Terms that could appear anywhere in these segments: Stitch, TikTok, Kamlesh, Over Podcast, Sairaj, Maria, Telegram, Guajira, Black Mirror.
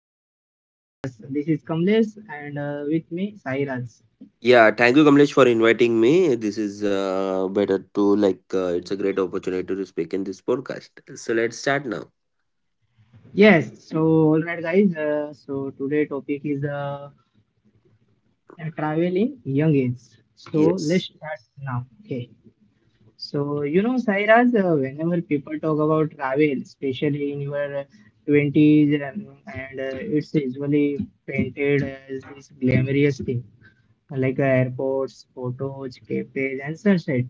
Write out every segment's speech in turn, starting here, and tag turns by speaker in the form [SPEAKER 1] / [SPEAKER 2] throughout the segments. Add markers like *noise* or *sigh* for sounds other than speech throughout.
[SPEAKER 1] to the Over Podcast. This is Kamlesh and with me Sairaj.
[SPEAKER 2] Yeah, thank you, Kamlesh, for inviting me. This is better to it's a great opportunity to speak in this podcast. So let's start now.
[SPEAKER 1] Yes, so all right guys, so today topic is travel young age. So let's
[SPEAKER 2] Yes.
[SPEAKER 1] start now. Okay. So you know Sairaj, whenever people talk about travel, especially in your 20s and it's usually painted as this glamorous thing like airports, photos, cafes, and sunset.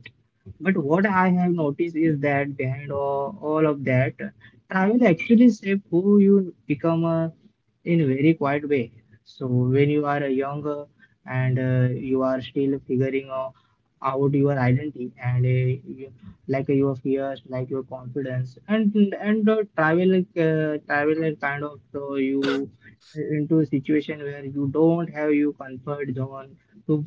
[SPEAKER 1] But what I have noticed is that behind all of that, travel actually shapes who you become in a very quiet way. So when you are young and you are still figuring out your identity and like your fears, like your confidence, and travel kind of show you into a situation where you don't have your comfort zone to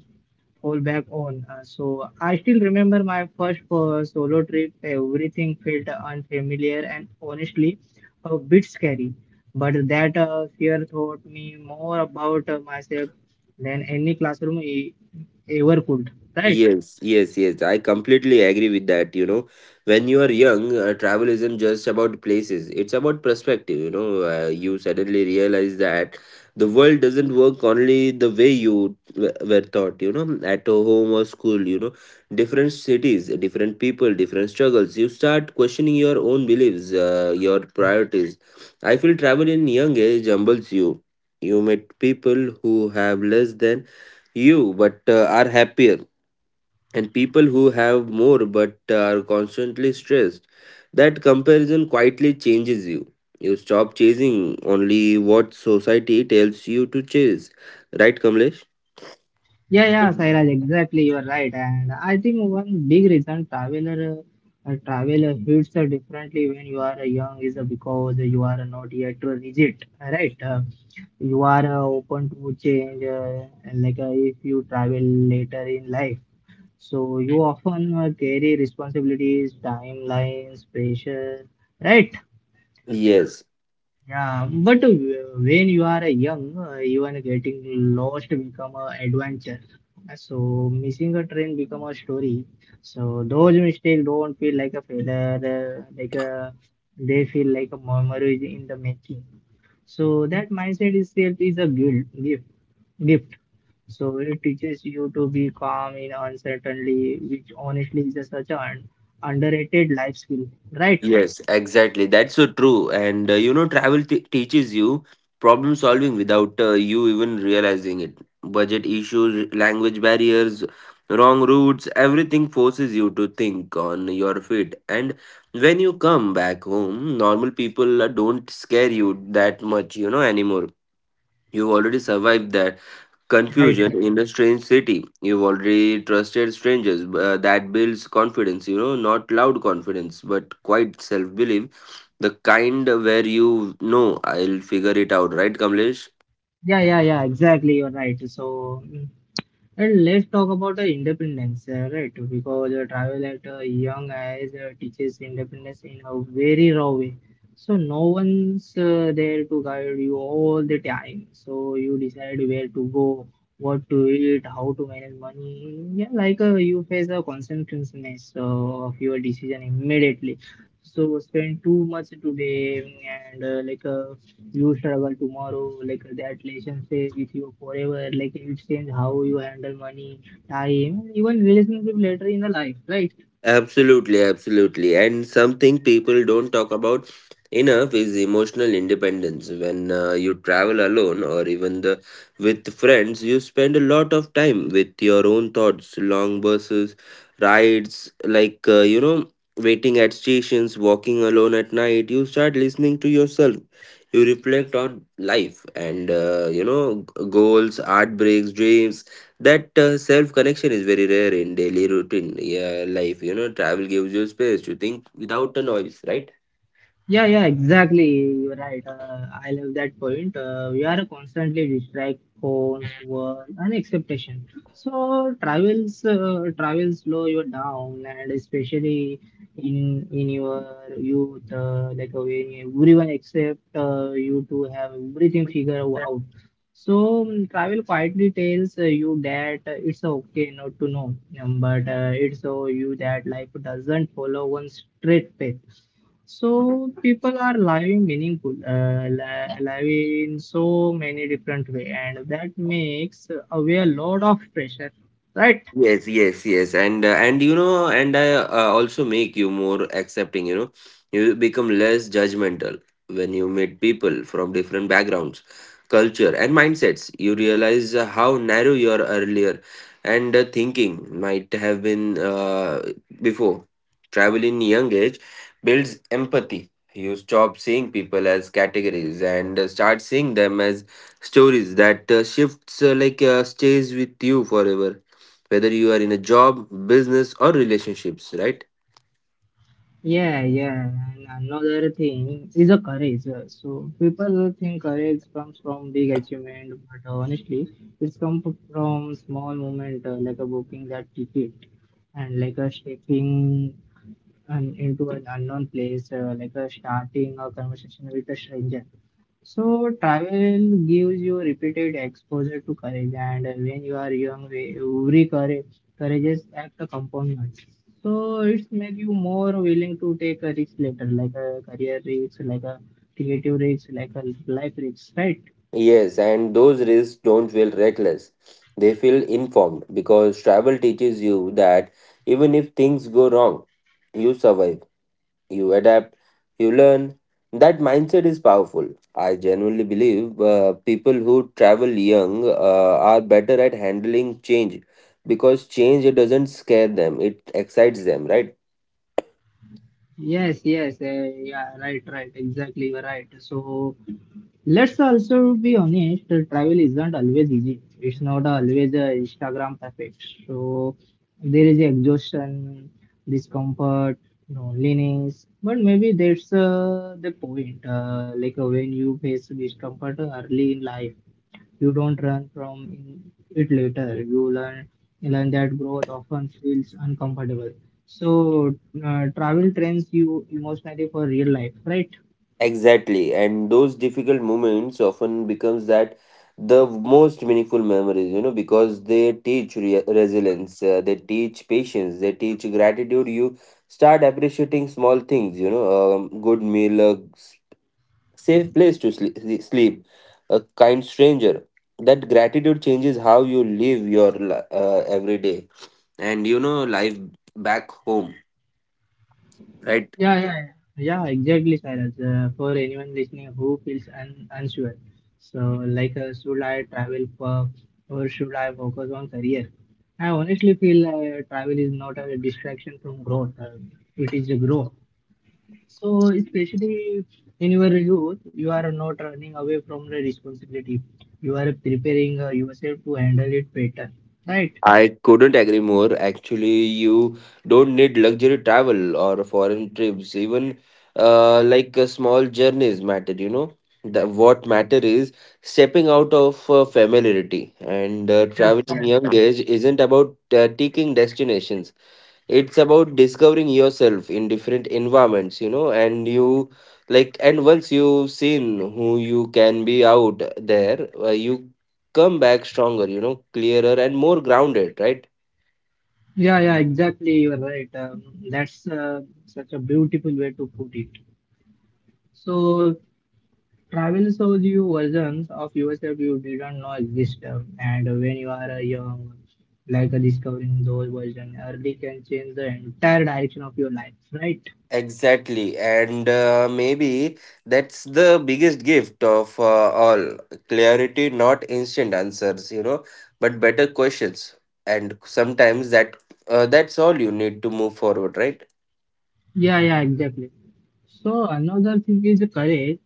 [SPEAKER 1] fall back on. So I still remember my first solo trip. Everything felt unfamiliar and honestly a bit scary. But that fear taught me more about myself than any ever could. Right?
[SPEAKER 2] Yes, yes, yes, I completely agree with that. You know, when you are young, travel isn't just about places, it's about perspective. You know, you suddenly realize that the world doesn't work only the way you were taught, you know, at home or school. You know, different cities, different people, different struggles. You start questioning your own beliefs, your priorities. I feel travel in young age humbles you. You meet people who have less than you but are happier and people who have more but are constantly stressed. That comparison quietly changes you. You stop chasing only what society tells you to chase. Right, Kamlesh?
[SPEAKER 1] Yeah, yeah, Sairaj, exactly. You are right. And I think one big reason traveler hits differently when you are young is because you are not yet rigid, right? You are open to change, and like if you travel later in life. So you often carry responsibilities, timelines, pressure, right?
[SPEAKER 2] Yes.
[SPEAKER 1] Yeah, but when you are young, even getting lost become a adventure. So missing a train become a story. So those mistakes don't feel like a failure, uh, like a, they feel like a memory in the making. So that mindset itself is a gift. So it teaches you to be calm in uncertainty, which honestly is a such an underrated life skill. Right,
[SPEAKER 2] Yes, exactly. That's so true. And you know, travel teaches you problem solving without you even realizing it. Budget issues, language barriers, wrong routes, everything forces you to think on your feet. And when you come back home, normal people don't scare you that much, you know, anymore. You've already survived that
[SPEAKER 1] right.
[SPEAKER 2] confusion in a strange city. You've already trusted strangers. That builds confidence, you know, not loud confidence, but quite self belief. The kind where you know I'll figure it out, right, Kamlesh?
[SPEAKER 1] Yeah, yeah, yeah, exactly. You're right. So, and let's talk about the independence, right? Because travel at a young age teaches independence in a very raw way. So, no one's there to guide you all the time. So, you decide where to go, what to eat, how to manage money. Yeah, like you face a consequences of your decision immediately. So, spend too much today and you struggle tomorrow, like that relation stays with you forever, like it will change how you handle money, time, even relationship later in the life, right?
[SPEAKER 2] Absolutely, absolutely. And something people don't talk about enough is emotional independence. When you travel alone or even the with friends, you spend a lot of time with your own thoughts, long buses, rides, you know, waiting at stations, walking alone at night. You start listening to yourself. You reflect on life and you know, goals, heartbreaks, dreams. That self connection is very rare in daily routine, yeah, life, you know. Travel gives you space to think without the noise, right?
[SPEAKER 1] Yeah, yeah, exactly. You're right. I love that point. We are constantly distracted, phones, work, and expectation. So travel slow you down, and especially in your youth, when everyone except you to have everything figured out. So travel quietly tells you that it's okay not to know, but it's so you that life doesn't follow one straight path. So people are living meaningful, live in so many different way, and that makes away a lot of pressure, right?
[SPEAKER 2] Yes, yes, yes, and you know, and I also make you more accepting. You know, you become less judgmental when you meet people from different backgrounds, culture, and mindsets. You realize how narrow your earlier and thinking might have been before. Travel in young age builds empathy. You stop seeing people as categories and start seeing them as stories. That shifts stays with you forever whether you are in a job, business, or relationships, right?
[SPEAKER 1] Yeah, yeah. And another thing is a courage. So people think courage comes from big achievement, but honestly, it's from small moment like a booking that ticket and like a stepping an into an unknown place, like a starting a conversation with a stranger. So travel gives you repeated exposure to courage, and when you are young, courageous act a component. So it's make you more willing to take a risk later, like a career risk, like a creative risk, like a life risk, right?
[SPEAKER 2] Yes, and those risks don't feel reckless. They feel informed because travel teaches you that even if things go wrong, you survive, you adapt, you learn. That mindset is powerful. I genuinely believe people who travel young are better at handling change because change doesn't scare them, it excites them, right?
[SPEAKER 1] Yes, yeah, right, exactly, you are right. So let's also be honest, travel isn't always easy. It's not always Instagram perfect. So there is exhaustion, discomfort, loneliness. But maybe that's the point. When you face discomfort early in life, you don't run from it later. You learn that growth often feels uncomfortable. So travel trains you emotionally for real life, right?
[SPEAKER 2] Exactly, and those difficult moments often becomes that the most meaningful memories, you know, because they teach resilience, they teach patience, they teach gratitude. You start appreciating small things, you know, good meal, a safe place to sleep, sleep, a kind stranger. That gratitude changes how you live your every day, and you know, life back home, right?
[SPEAKER 1] Yeah, yeah, yeah, yeah, exactly, Cyrus. For anyone listening who feels un unsure, so like, should I travel for, or should I focus on career? I honestly feel travel is not a distraction from growth. It is a growth. So especially in your youth, you are not running away from the responsibility. You are preparing yourself to handle it better, right?
[SPEAKER 2] I couldn't agree more. Actually, you don't need luxury travel or foreign trips. Even like a small journeys matter, you know. What matter is stepping out of familiarity, and
[SPEAKER 1] Yes,
[SPEAKER 2] traveling
[SPEAKER 1] yes.
[SPEAKER 2] young age isn't about taking destinations, it's about discovering yourself in different environments, you know. And you like, and once you've seen who you can be out there, you come back stronger, you know, clearer and more grounded, right?
[SPEAKER 1] Yeah, yeah, exactly. You're right. That's such a beautiful way to put it. So, travel shows you versions of yourself you didn't know exist. And when you are young, discovering those versions early can change the entire direction of your life, right?
[SPEAKER 2] Exactly, and maybe that's the biggest gift of all, clarity, not instant answers, you know, but better questions. And sometimes that's all you need to move forward, right?
[SPEAKER 1] Yeah, yeah, exactly. So another thing is courage.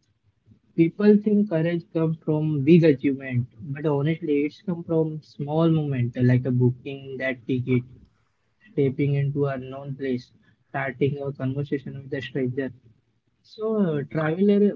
[SPEAKER 1] People think courage comes from big achievement, but honestly, it's come from small moment like a booking that ticket. Tapping into unknown place, starting a conversation with a stranger. So, traveler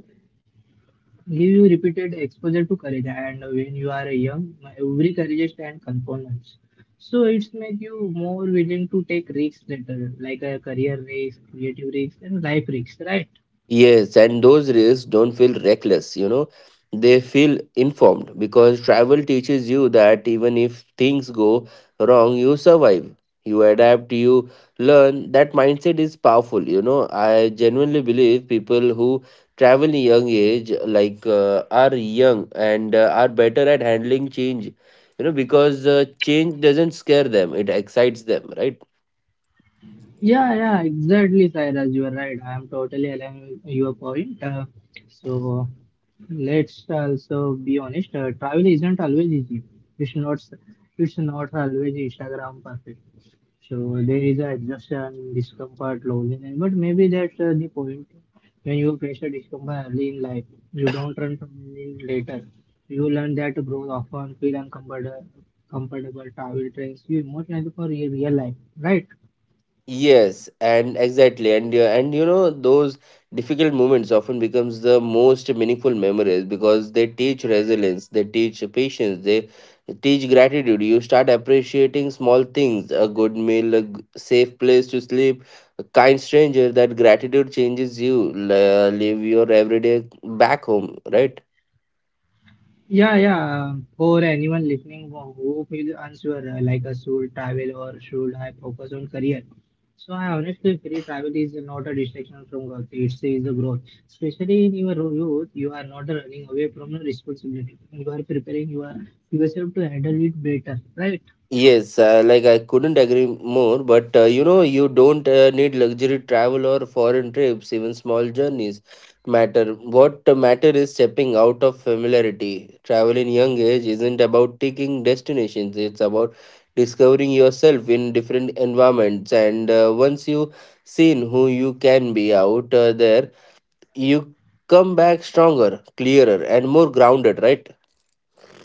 [SPEAKER 1] give you repeated exposure to courage, and when you are young, every courage and components. So it's make you more willing to take risks later, like a career risk, creative risk, and life risks, right?
[SPEAKER 2] Yes, and those risks don't feel reckless, you know, they feel informed because travel teaches you that even if things go wrong, you survive, you adapt, you learn. That mindset is powerful, you know. I genuinely believe people who travel in young age, are young and are better at handling change, you know, because change doesn't scare them, it excites them, right?
[SPEAKER 1] Yeah, yeah, exactly, Sairaj. You are right. I am totally aligned with your point. So let's also be honest. Travel isn't always easy. It's not. It's not always Instagram perfect. So there is a exhaustion, discomfort, loneliness. But maybe that's the point. When you face a discomfort early in life, you don't run from it later. You learn that growth often feel uncomfortable. Comfortable travel trains you emotionally for your real life, right?
[SPEAKER 2] Yes, and exactly, and you know those difficult moments often becomes the most meaningful memories because they teach resilience, they teach patience, they teach gratitude. You start appreciating small things, a good meal, a safe place to sleep, a kind stranger. That gratitude changes you. Leave your everyday back home, right?
[SPEAKER 1] Yeah, yeah. For anyone listening who feel unsure, should travel or should I focus on career? So I honestly feel travel is not a distraction from work. It is a growth. Especially in your youth, you are not running away from your responsibility. You are preparing yourself to handle it better, right?
[SPEAKER 2] Yes, I couldn't agree more, but you know, you don't need luxury travel or foreign trips, even small journeys matter. What matter is stepping out of familiarity. Travel in young age isn't about taking destinations, it's about discovering yourself in different environments. And once you seen who you can be out there, you come back stronger, clearer, and more grounded, right?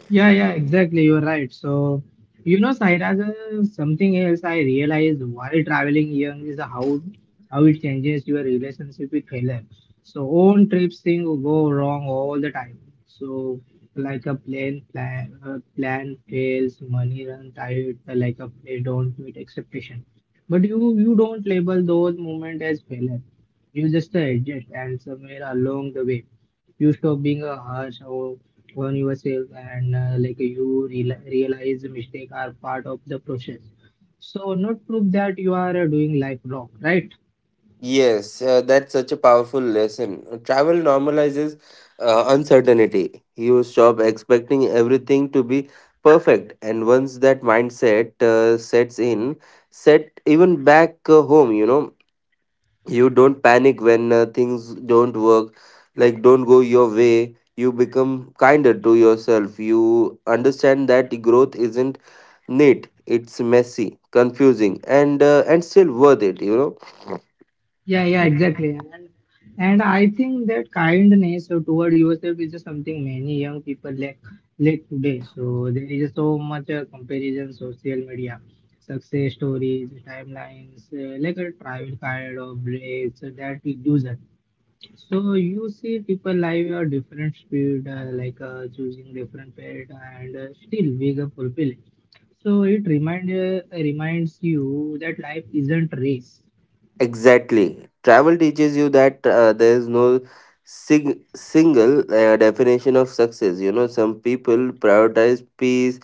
[SPEAKER 1] Yeah, yeah, exactly. You're right. So, you know, Sairaj, something else I realized while traveling young is how it changes your relationship with failure. So, own trips thing go wrong all the time. So, like a plan fails, money runs out, like a they don't meet expectation. But you don't label those moments as failure. You just adjust and somewhere along the way you stop being a on yourself and like you realize mistakes are part of the process, so not prove that you are doing life wrong, right?
[SPEAKER 2] Yes, that's such a powerful lesson. Travel normalizes uncertainty. You stop expecting everything to be perfect, and once that mindset sets in, set even back home, you know, you don't panic when things don't work, like don't go your way. You become kinder to yourself. You understand that growth isn't neat. It's messy, confusing, and still worth it, you know.
[SPEAKER 1] Yeah, yeah, exactly. And I think that kindness toward yourself is just something many young people lack today. So there is so much comparison social media success stories timelines, like a travel kind of breaks that reduce it. So you see people live at different speed, choosing different path, and still wake up fulfilling. So it reminds you that life isn't race.
[SPEAKER 2] Exactly. Travel teaches you that there is no single definition of success. You know, some people prioritize peace,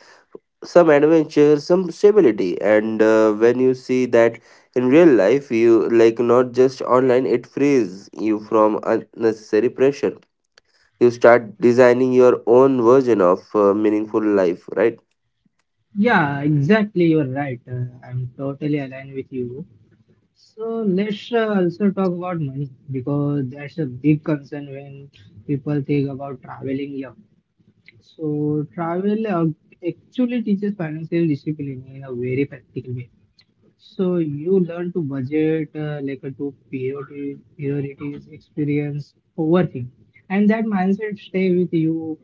[SPEAKER 2] some adventure, some stability. And when you see that in real life, you like not just online, it frees you from unnecessary pressure. You start designing your own version of meaningful life, right?
[SPEAKER 1] Yeah, exactly. You're right. I'm totally aligned with you. So let's also talk about money because that's a big concern when people think about traveling young. So travel actually teaches financial discipline in a very practical way. So you learn to budget like a two priorities, experience, overthink, and that mindset stay with you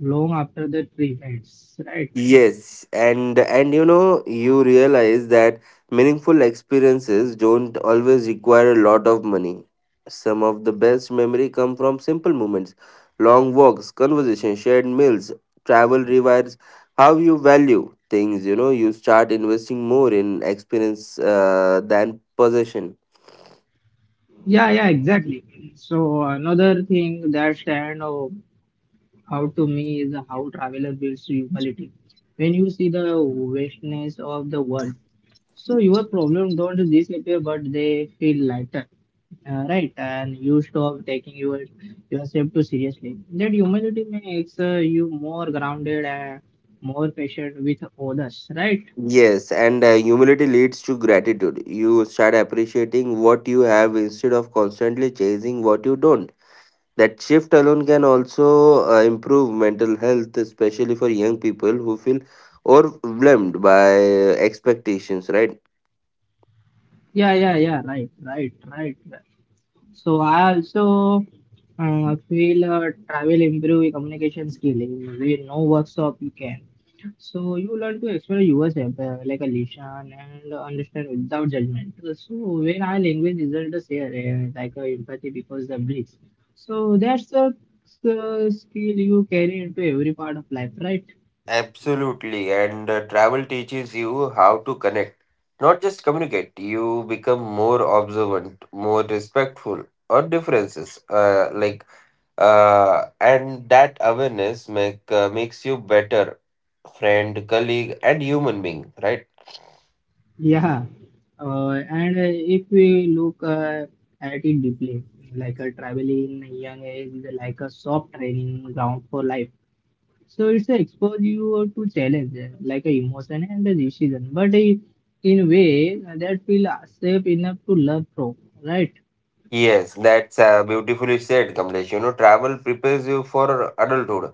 [SPEAKER 1] long after the trip ends, right?
[SPEAKER 2] Yes, and you know you realize that meaningful experiences don't always require a lot of money. Some of the best memory come from simple moments, long walks, conversation, shared meals. Travel rewires how you value things. You know, you start investing more in experience than possession.
[SPEAKER 1] Yeah, yeah, exactly. So another thing that stand out out to me is how traveler builds humility. When you see the vastness of the world, so your problem don't disappear, but they feel lighter. Right, and you stop taking yourself too seriously. That humility makes you more grounded and more patient with others. Right?
[SPEAKER 2] Yes, and humility leads to gratitude. You start appreciating what you have instead of constantly chasing what you don't. That shift alone can also improve mental health, especially for young people who feel overwhelmed by expectations, right?
[SPEAKER 1] Yeah, yeah, yeah. Right, right, right, right. So I also feel travel improve communication skill. In no workshop you can. So you learn to explore yourself like a listen and understand without judgment. So when our language isn't the same, like a empathy because the bridge. So that's a skill you carry into every part of life, right?
[SPEAKER 2] Absolutely, and travel teaches you how to connect, not just communicate. You become more observant, more respectful of differences. And that awareness makes you better friend, colleague, and human being, right?
[SPEAKER 1] Yeah. And if we look at it deeply, like a traveling young age is like a soft training ground for life. So it's a expose you to challenge like a emotion and a decision, in way that feel safe enough to learn from, right?
[SPEAKER 2] Yes, that's beautifully said, Kamlesh. You know, travel prepares you for adulthood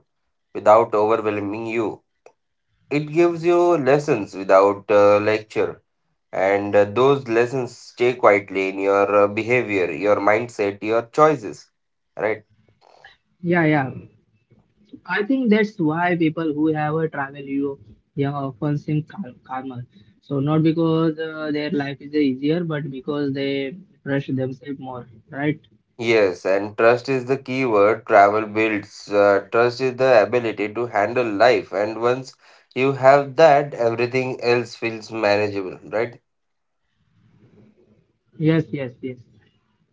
[SPEAKER 2] without overwhelming you. It gives you lessons without lecture, and those lessons stay quietly in your behavior, your mindset, your choices. Right?
[SPEAKER 1] Yeah, yeah. I think that's why people who have a travel young often seem calmer. So not because their life is easier, but because they trust themselves more, right?
[SPEAKER 2] Yes, and trust is the key word travel builds. Trust is the ability to handle life, and once you have that, everything else feels manageable, right?
[SPEAKER 1] Yes, yes, yes.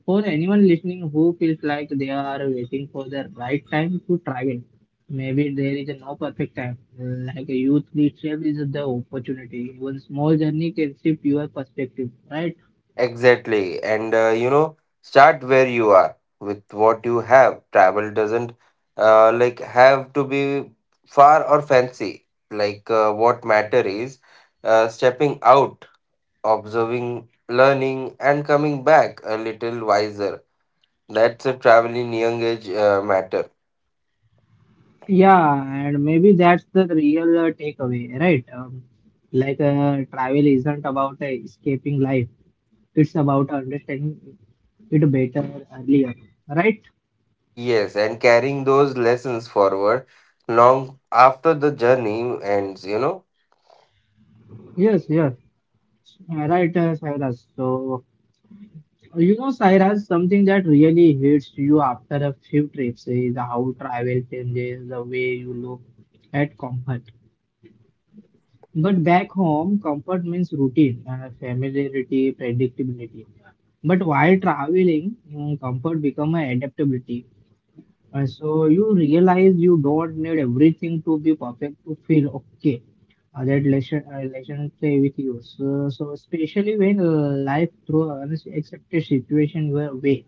[SPEAKER 1] For anyone listening who feels like they are waiting for the right time to travel, maybe there is no perfect time. Like a youth itself is the opportunity. One small journey can shift your perspective, right?
[SPEAKER 2] Exactly. And you know, start where you are with what you have. Travel doesn't have to be far or fancy. What matter is stepping out, observing, learning, and coming back a little wiser. That's a traveling young age matter.
[SPEAKER 1] Yeah, and maybe that's the real takeaway, right? Travel isn't about escaping life; it's about understanding it better earlier, right?
[SPEAKER 2] Yes, and carrying those lessons forward long after the journey ends, you know.
[SPEAKER 1] Yes, yes, right, Cyrus. So, you know, Sairaj, something that really hits you after a few trips is how travel changes the way you look at comfort. But back home, comfort means routine, familiarity, predictability. But while traveling, comfort become an adaptability. So you realize you don't need everything to be perfect to feel okay. That relation stay with you. So especially when life throws unexpected situation your way,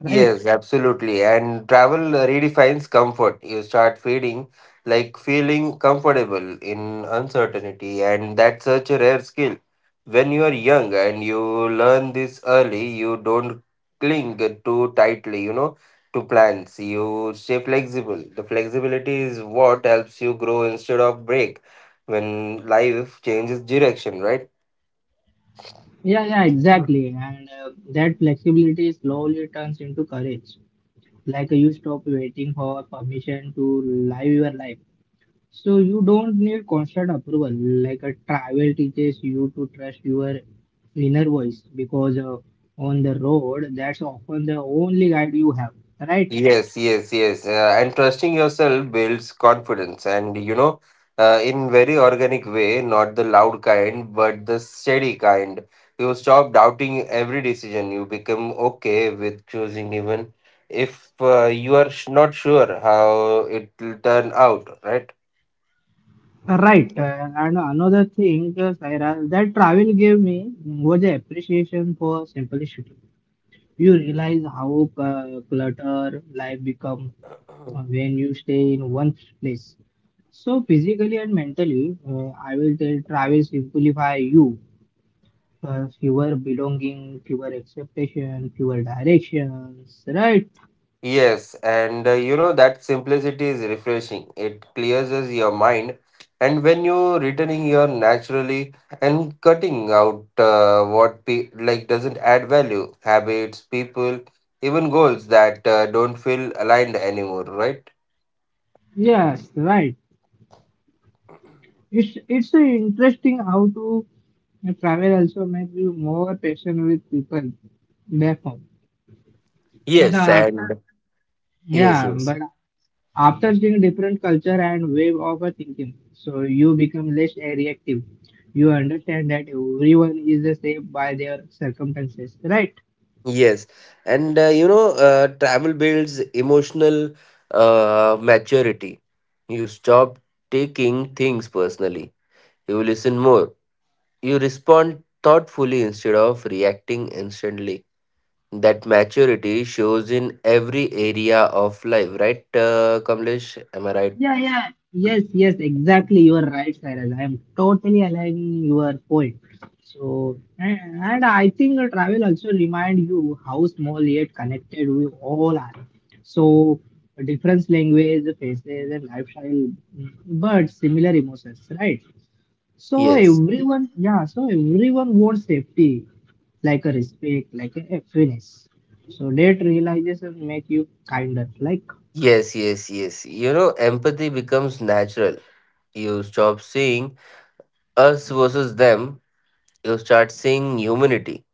[SPEAKER 1] right?
[SPEAKER 2] Yes, absolutely. And travel redefines comfort. You start feeling like feeling comfortable in uncertainty, and that's such a rare skill. When you are young and you learn this early, you don't cling too tightly, you know, to plans. You stay flexible. The flexibility is what helps you grow instead of break when life changes direction, right?
[SPEAKER 1] Yeah, yeah, exactly. And that flexibility slowly turns into courage. Like you stop waiting for permission to live your life. So you don't need constant approval. Like a travel teaches you to trust your inner voice because on the road, that's often the only guide you have, right?
[SPEAKER 2] Yes, yes, yes. And trusting yourself builds confidence, and you know, in very organic way, not the loud kind, but the steady kind. You stop doubting every decision. You become okay with choosing, even if you are not sure how it will turn out, right?
[SPEAKER 1] Right. And another thing, Saira, that travel gave me was the appreciation for simplicity. You realize how clutter life become when you stay in one place. So physically and mentally, I will tell travel simplify you. Fewer belonging, fewer expectation, fewer directions. Right?
[SPEAKER 2] Yes, and you know, that simplicity is refreshing. It clears us your mind, and when you're returning here naturally and cutting out what pe like doesn't add value, habits, people, even goals that don't feel aligned anymore, right?
[SPEAKER 1] Yes, right. It's interesting how to travel also make you more patient with people back home. But
[SPEAKER 2] Yes, and
[SPEAKER 1] after,
[SPEAKER 2] yes,
[SPEAKER 1] yeah,
[SPEAKER 2] yes,
[SPEAKER 1] but after seeing different culture and way of a thinking, so you become less reactive. You understand that everyone is the same by their circumstances, right?
[SPEAKER 2] yes, and you know, travel builds emotional maturity. You stop taking things personally. You listen more. You respond thoughtfully instead of reacting instantly. That maturity shows in every area of life, right, Kamlesh? Am I right?
[SPEAKER 1] Yeah, yeah. Yes, yes, exactly, you are right, Cyrus. I am totally aligning your point. So and I think the travel also remind you how small yet connected we all are. So different language, faces and lifestyle, but similar emotions, right? So
[SPEAKER 2] Yes,
[SPEAKER 1] everyone, yeah, so everyone wants safety, like a respect, like a happiness. So that realization make you kinder. Like,
[SPEAKER 2] yes, yes, yes. You know, empathy becomes natural. You stop seeing us versus them, you start seeing humanity.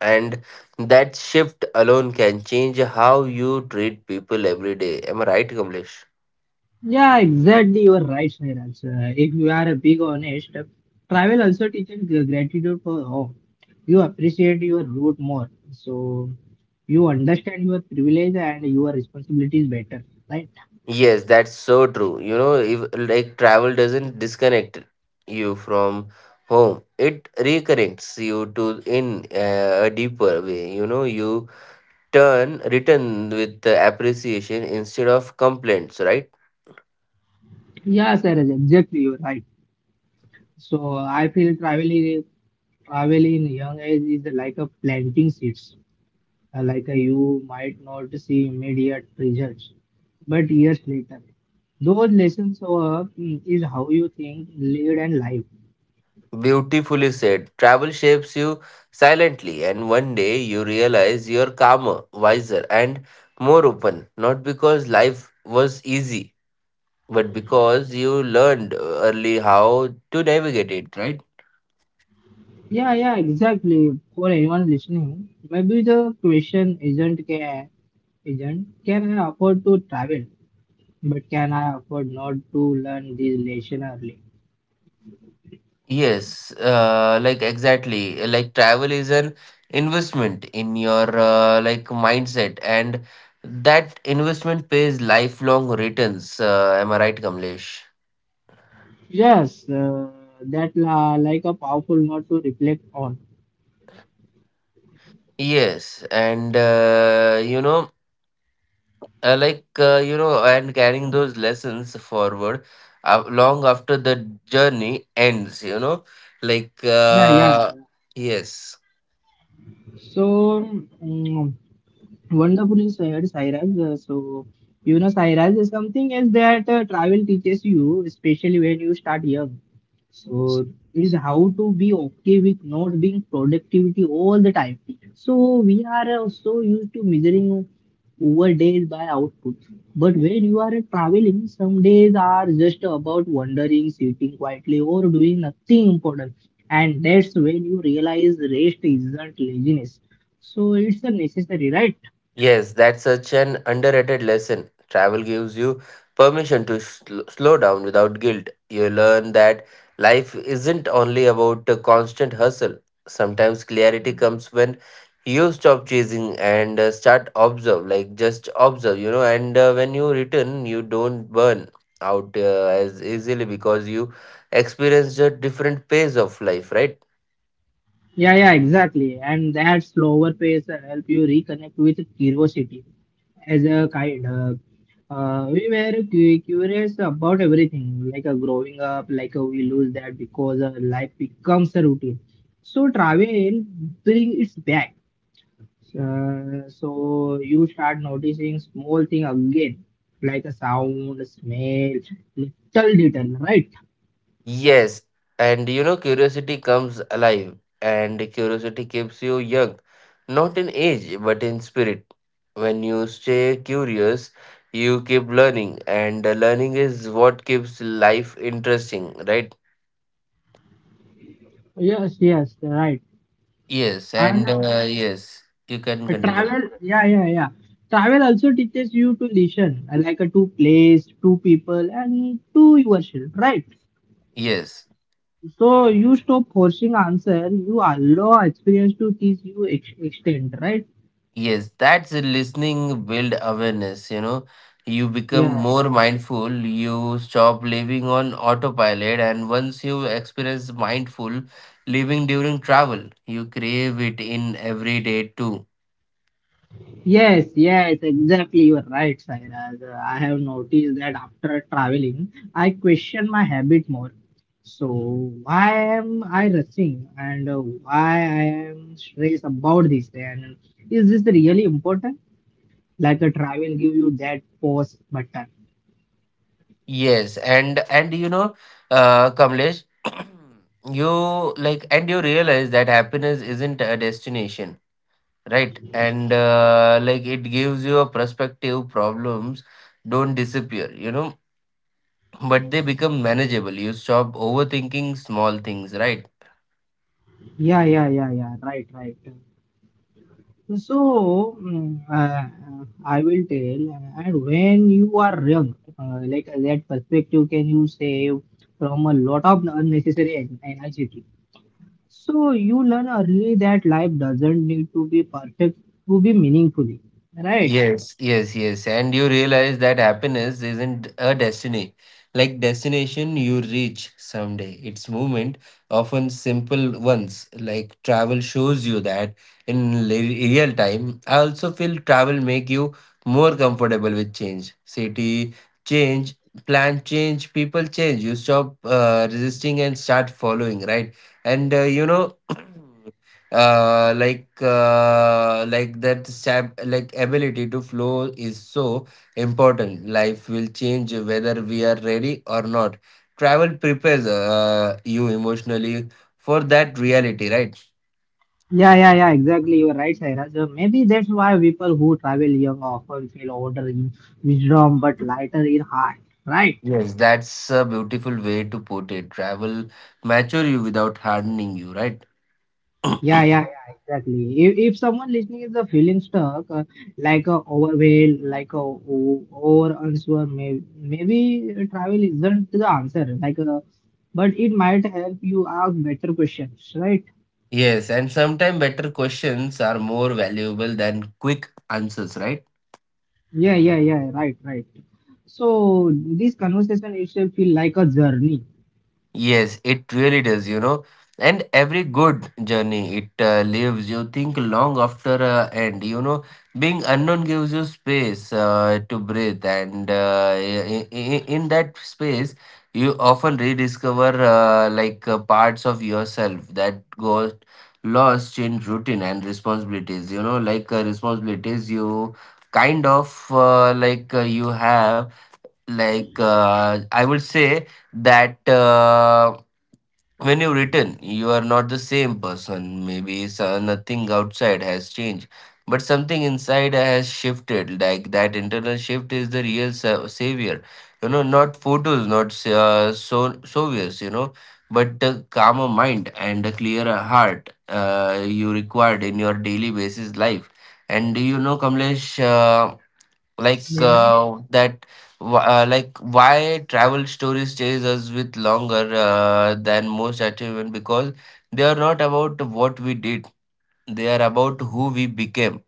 [SPEAKER 2] And that shift alone can change how you treat people every day. Am I right, Kamlesh?
[SPEAKER 1] yeah, exactly, you are right, Sairaj. If you are a big honest, travel also teaches gratitude for all. You appreciate your root more, so you understand your privilege and your responsibilities better, right?
[SPEAKER 2] Yes, that's so true. You know, if like travel doesn't disconnect you from home, it reconnects you to in a deeper way. You know, you turn return with the appreciation instead of complaints, right?
[SPEAKER 1] Yeah, Sairaj, exactly, you are right. So I feel traveling. Travel in young age is like a planting seeds. You might not see immediate results, but years later, those lessons is how you think, lead, and live.
[SPEAKER 2] Beautifully said. Travel shapes you silently, and one day you realize you're calmer, wiser, and more open. Not because life was easy, but because you learned early how to navigate it, right?
[SPEAKER 1] Yeah, yeah, exactly. For anyone listening, maybe the question isn't can I afford to travel, but can I afford not to learn this lesson early?
[SPEAKER 2] Yes, exactly. Like travel is an investment in your mindset, and that investment pays lifelong returns. Am I right, Kamlesh?
[SPEAKER 1] Yes, that la like a powerful note to reflect on.
[SPEAKER 2] Yes, and you know, like you know, and carrying those lessons forward long after the journey ends. Like
[SPEAKER 1] Yeah, yeah.
[SPEAKER 2] uh, yes.
[SPEAKER 1] So mm, Wonderfully said, Sairaj. So, you know, Sairaj, is something else that travel teaches you, especially when you start young. So, is how to be okay with not being productivity all the time. So, we are so used to measuring over days by output. But when you are traveling, some days are just about wandering, sitting quietly, or doing nothing important. And that's when you realize rest isn't laziness. So, it's a necessary, right?
[SPEAKER 2] Yes, that's such an underrated lesson. Travel gives you permission to slow down without guilt. You learn that life isn't only about a constant hustle. Sometimes clarity comes when you stop chasing and start observe, just observe, And when you return, you don't burn out as easily because you experience a different pace of life, right?
[SPEAKER 1] Yeah, yeah, exactly. And that slower pace help you reconnect with curiosity. As a kind, we were curious about everything. Like growing up, like we lose that because life becomes a routine. So travel bring it back. So you start noticing small thing again, like a sound, smell, little detail, right?
[SPEAKER 2] Yes, and, curiosity comes alive, and curiosity keeps you young, not in age, but in spirit. When you stay curious, you keep learning, and learning is what keeps life interesting, right?
[SPEAKER 1] Yes, yes, right.
[SPEAKER 2] Yes,
[SPEAKER 1] And
[SPEAKER 2] and yes, you can
[SPEAKER 1] Uh,
[SPEAKER 2] continue.
[SPEAKER 1] travel yeah yeah yeah travel also teaches you to listen, like a two place, two people, and to yourself, right?
[SPEAKER 2] Yes.
[SPEAKER 1] So you stop forcing answer, you allow experience to teach you extent, right?
[SPEAKER 2] Yes, that's a listening build awareness, You become
[SPEAKER 1] Yeah,
[SPEAKER 2] more mindful, you stop living on autopilot, and once you experience mindful living during travel, you crave it in every day too.
[SPEAKER 1] yes, yes, exactly, you are right, Sairaj. I have noticed that after traveling I question my habit more. So why am I rushing, and why I am stressed about this, and is this really important? Like a travel give you that pause button.
[SPEAKER 2] Yes, and Kamlesh, *clears throat* you like, and you realize that happiness isn't a destination, right? And it gives you a perspective. Problems don't disappear, but they become manageable. You stop overthinking small things, right?
[SPEAKER 1] Yeah, yeah, yeah, yeah, right, right. So I will tell, and when you are young, that perspective can you save from a lot of unnecessary anxiety. So you learn early that life doesn't need to be perfect to be meaningful, right?
[SPEAKER 2] Yes, yes, yes. And you realize that happiness isn't a destiny. Like destination you reach someday. It's movement, often simple ones. Like travel shows you that in real time. I also feel travel make you more comfortable with change. City change, plan change, people change. You stop resisting and start following, right? And *clears throat* that stab like ability to flow is so important. Life will change whether we are ready or not. Travel prepares you emotionally for that reality, right?
[SPEAKER 1] Yeah, yeah, yeah, exactly. You're right, Sairaj. Maybe that's why people who travel young often feel older in wisdom but lighter in heart, right?
[SPEAKER 2] Yes, that's a beautiful way to put it. Travel mature you without hardening you, right?
[SPEAKER 1] Yeah, yeah, yeah, exactly. If someone listening is feeling stuck, overwhelmed, over unsure, maybe travel isn't the answer. But it might help you ask better questions, right?
[SPEAKER 2] Yes, and sometimes better questions are more valuable than quick answers, right?
[SPEAKER 1] Yeah, yeah, yeah, right, right. So this conversation itself feel like a journey.
[SPEAKER 2] Yes, it really does, And every good journey it leaves you think long after end, Being unknown gives you space to breathe, and in that space, you often rediscover parts of yourself that got lost in routine and responsibilities, responsibilities you kind of you have, I would say that. When you return, you are not the same person. Maybe nothing outside has changed, but something inside has shifted. Like that internal shift is the real savior. You know, not photos, not saviors. You know, but a calmer mind and a clearer heart you required in your daily basis life. And you know, Kamlesh. Uh,
[SPEAKER 1] Yeah,
[SPEAKER 2] that like why travel stories chase us with longer than most achievement, because they are not about what we did, they are about who we became.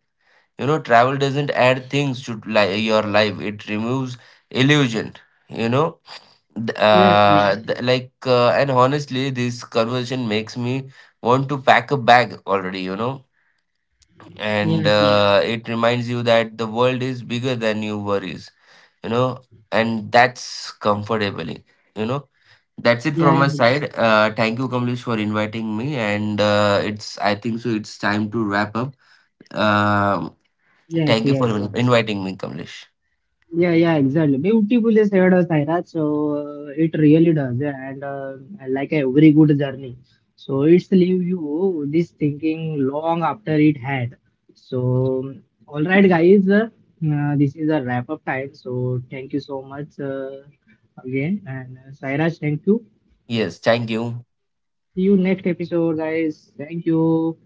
[SPEAKER 2] You know, travel doesn't add things to your life, it removes illusion, you know.
[SPEAKER 1] yes, yes,
[SPEAKER 2] And honestly this conversation makes me want to pack a bag already, you know. And
[SPEAKER 1] yes,
[SPEAKER 2] it reminds you that the world is bigger than your worries, you know. And that's comfortably, you know. That's it
[SPEAKER 1] yeah,
[SPEAKER 2] from
[SPEAKER 1] yeah.
[SPEAKER 2] my side. Thank you, Kamlesh, for inviting me. And it's, I think so, it's time to wrap up. Um
[SPEAKER 1] Yes,
[SPEAKER 2] Thank you for
[SPEAKER 1] yes.
[SPEAKER 2] inviting me, Kamlesh.
[SPEAKER 1] Yeah, yeah, exactly. Beautifully said, Saira. So it really does, yeah, and like a very good journey. So it's leave you this thinking long after it had. So all right, guys, this is a wrap up time. So thank you so much, again, and Sairaj, thank you.
[SPEAKER 2] Yes, thank you.
[SPEAKER 1] See you next episode, guys. Thank you.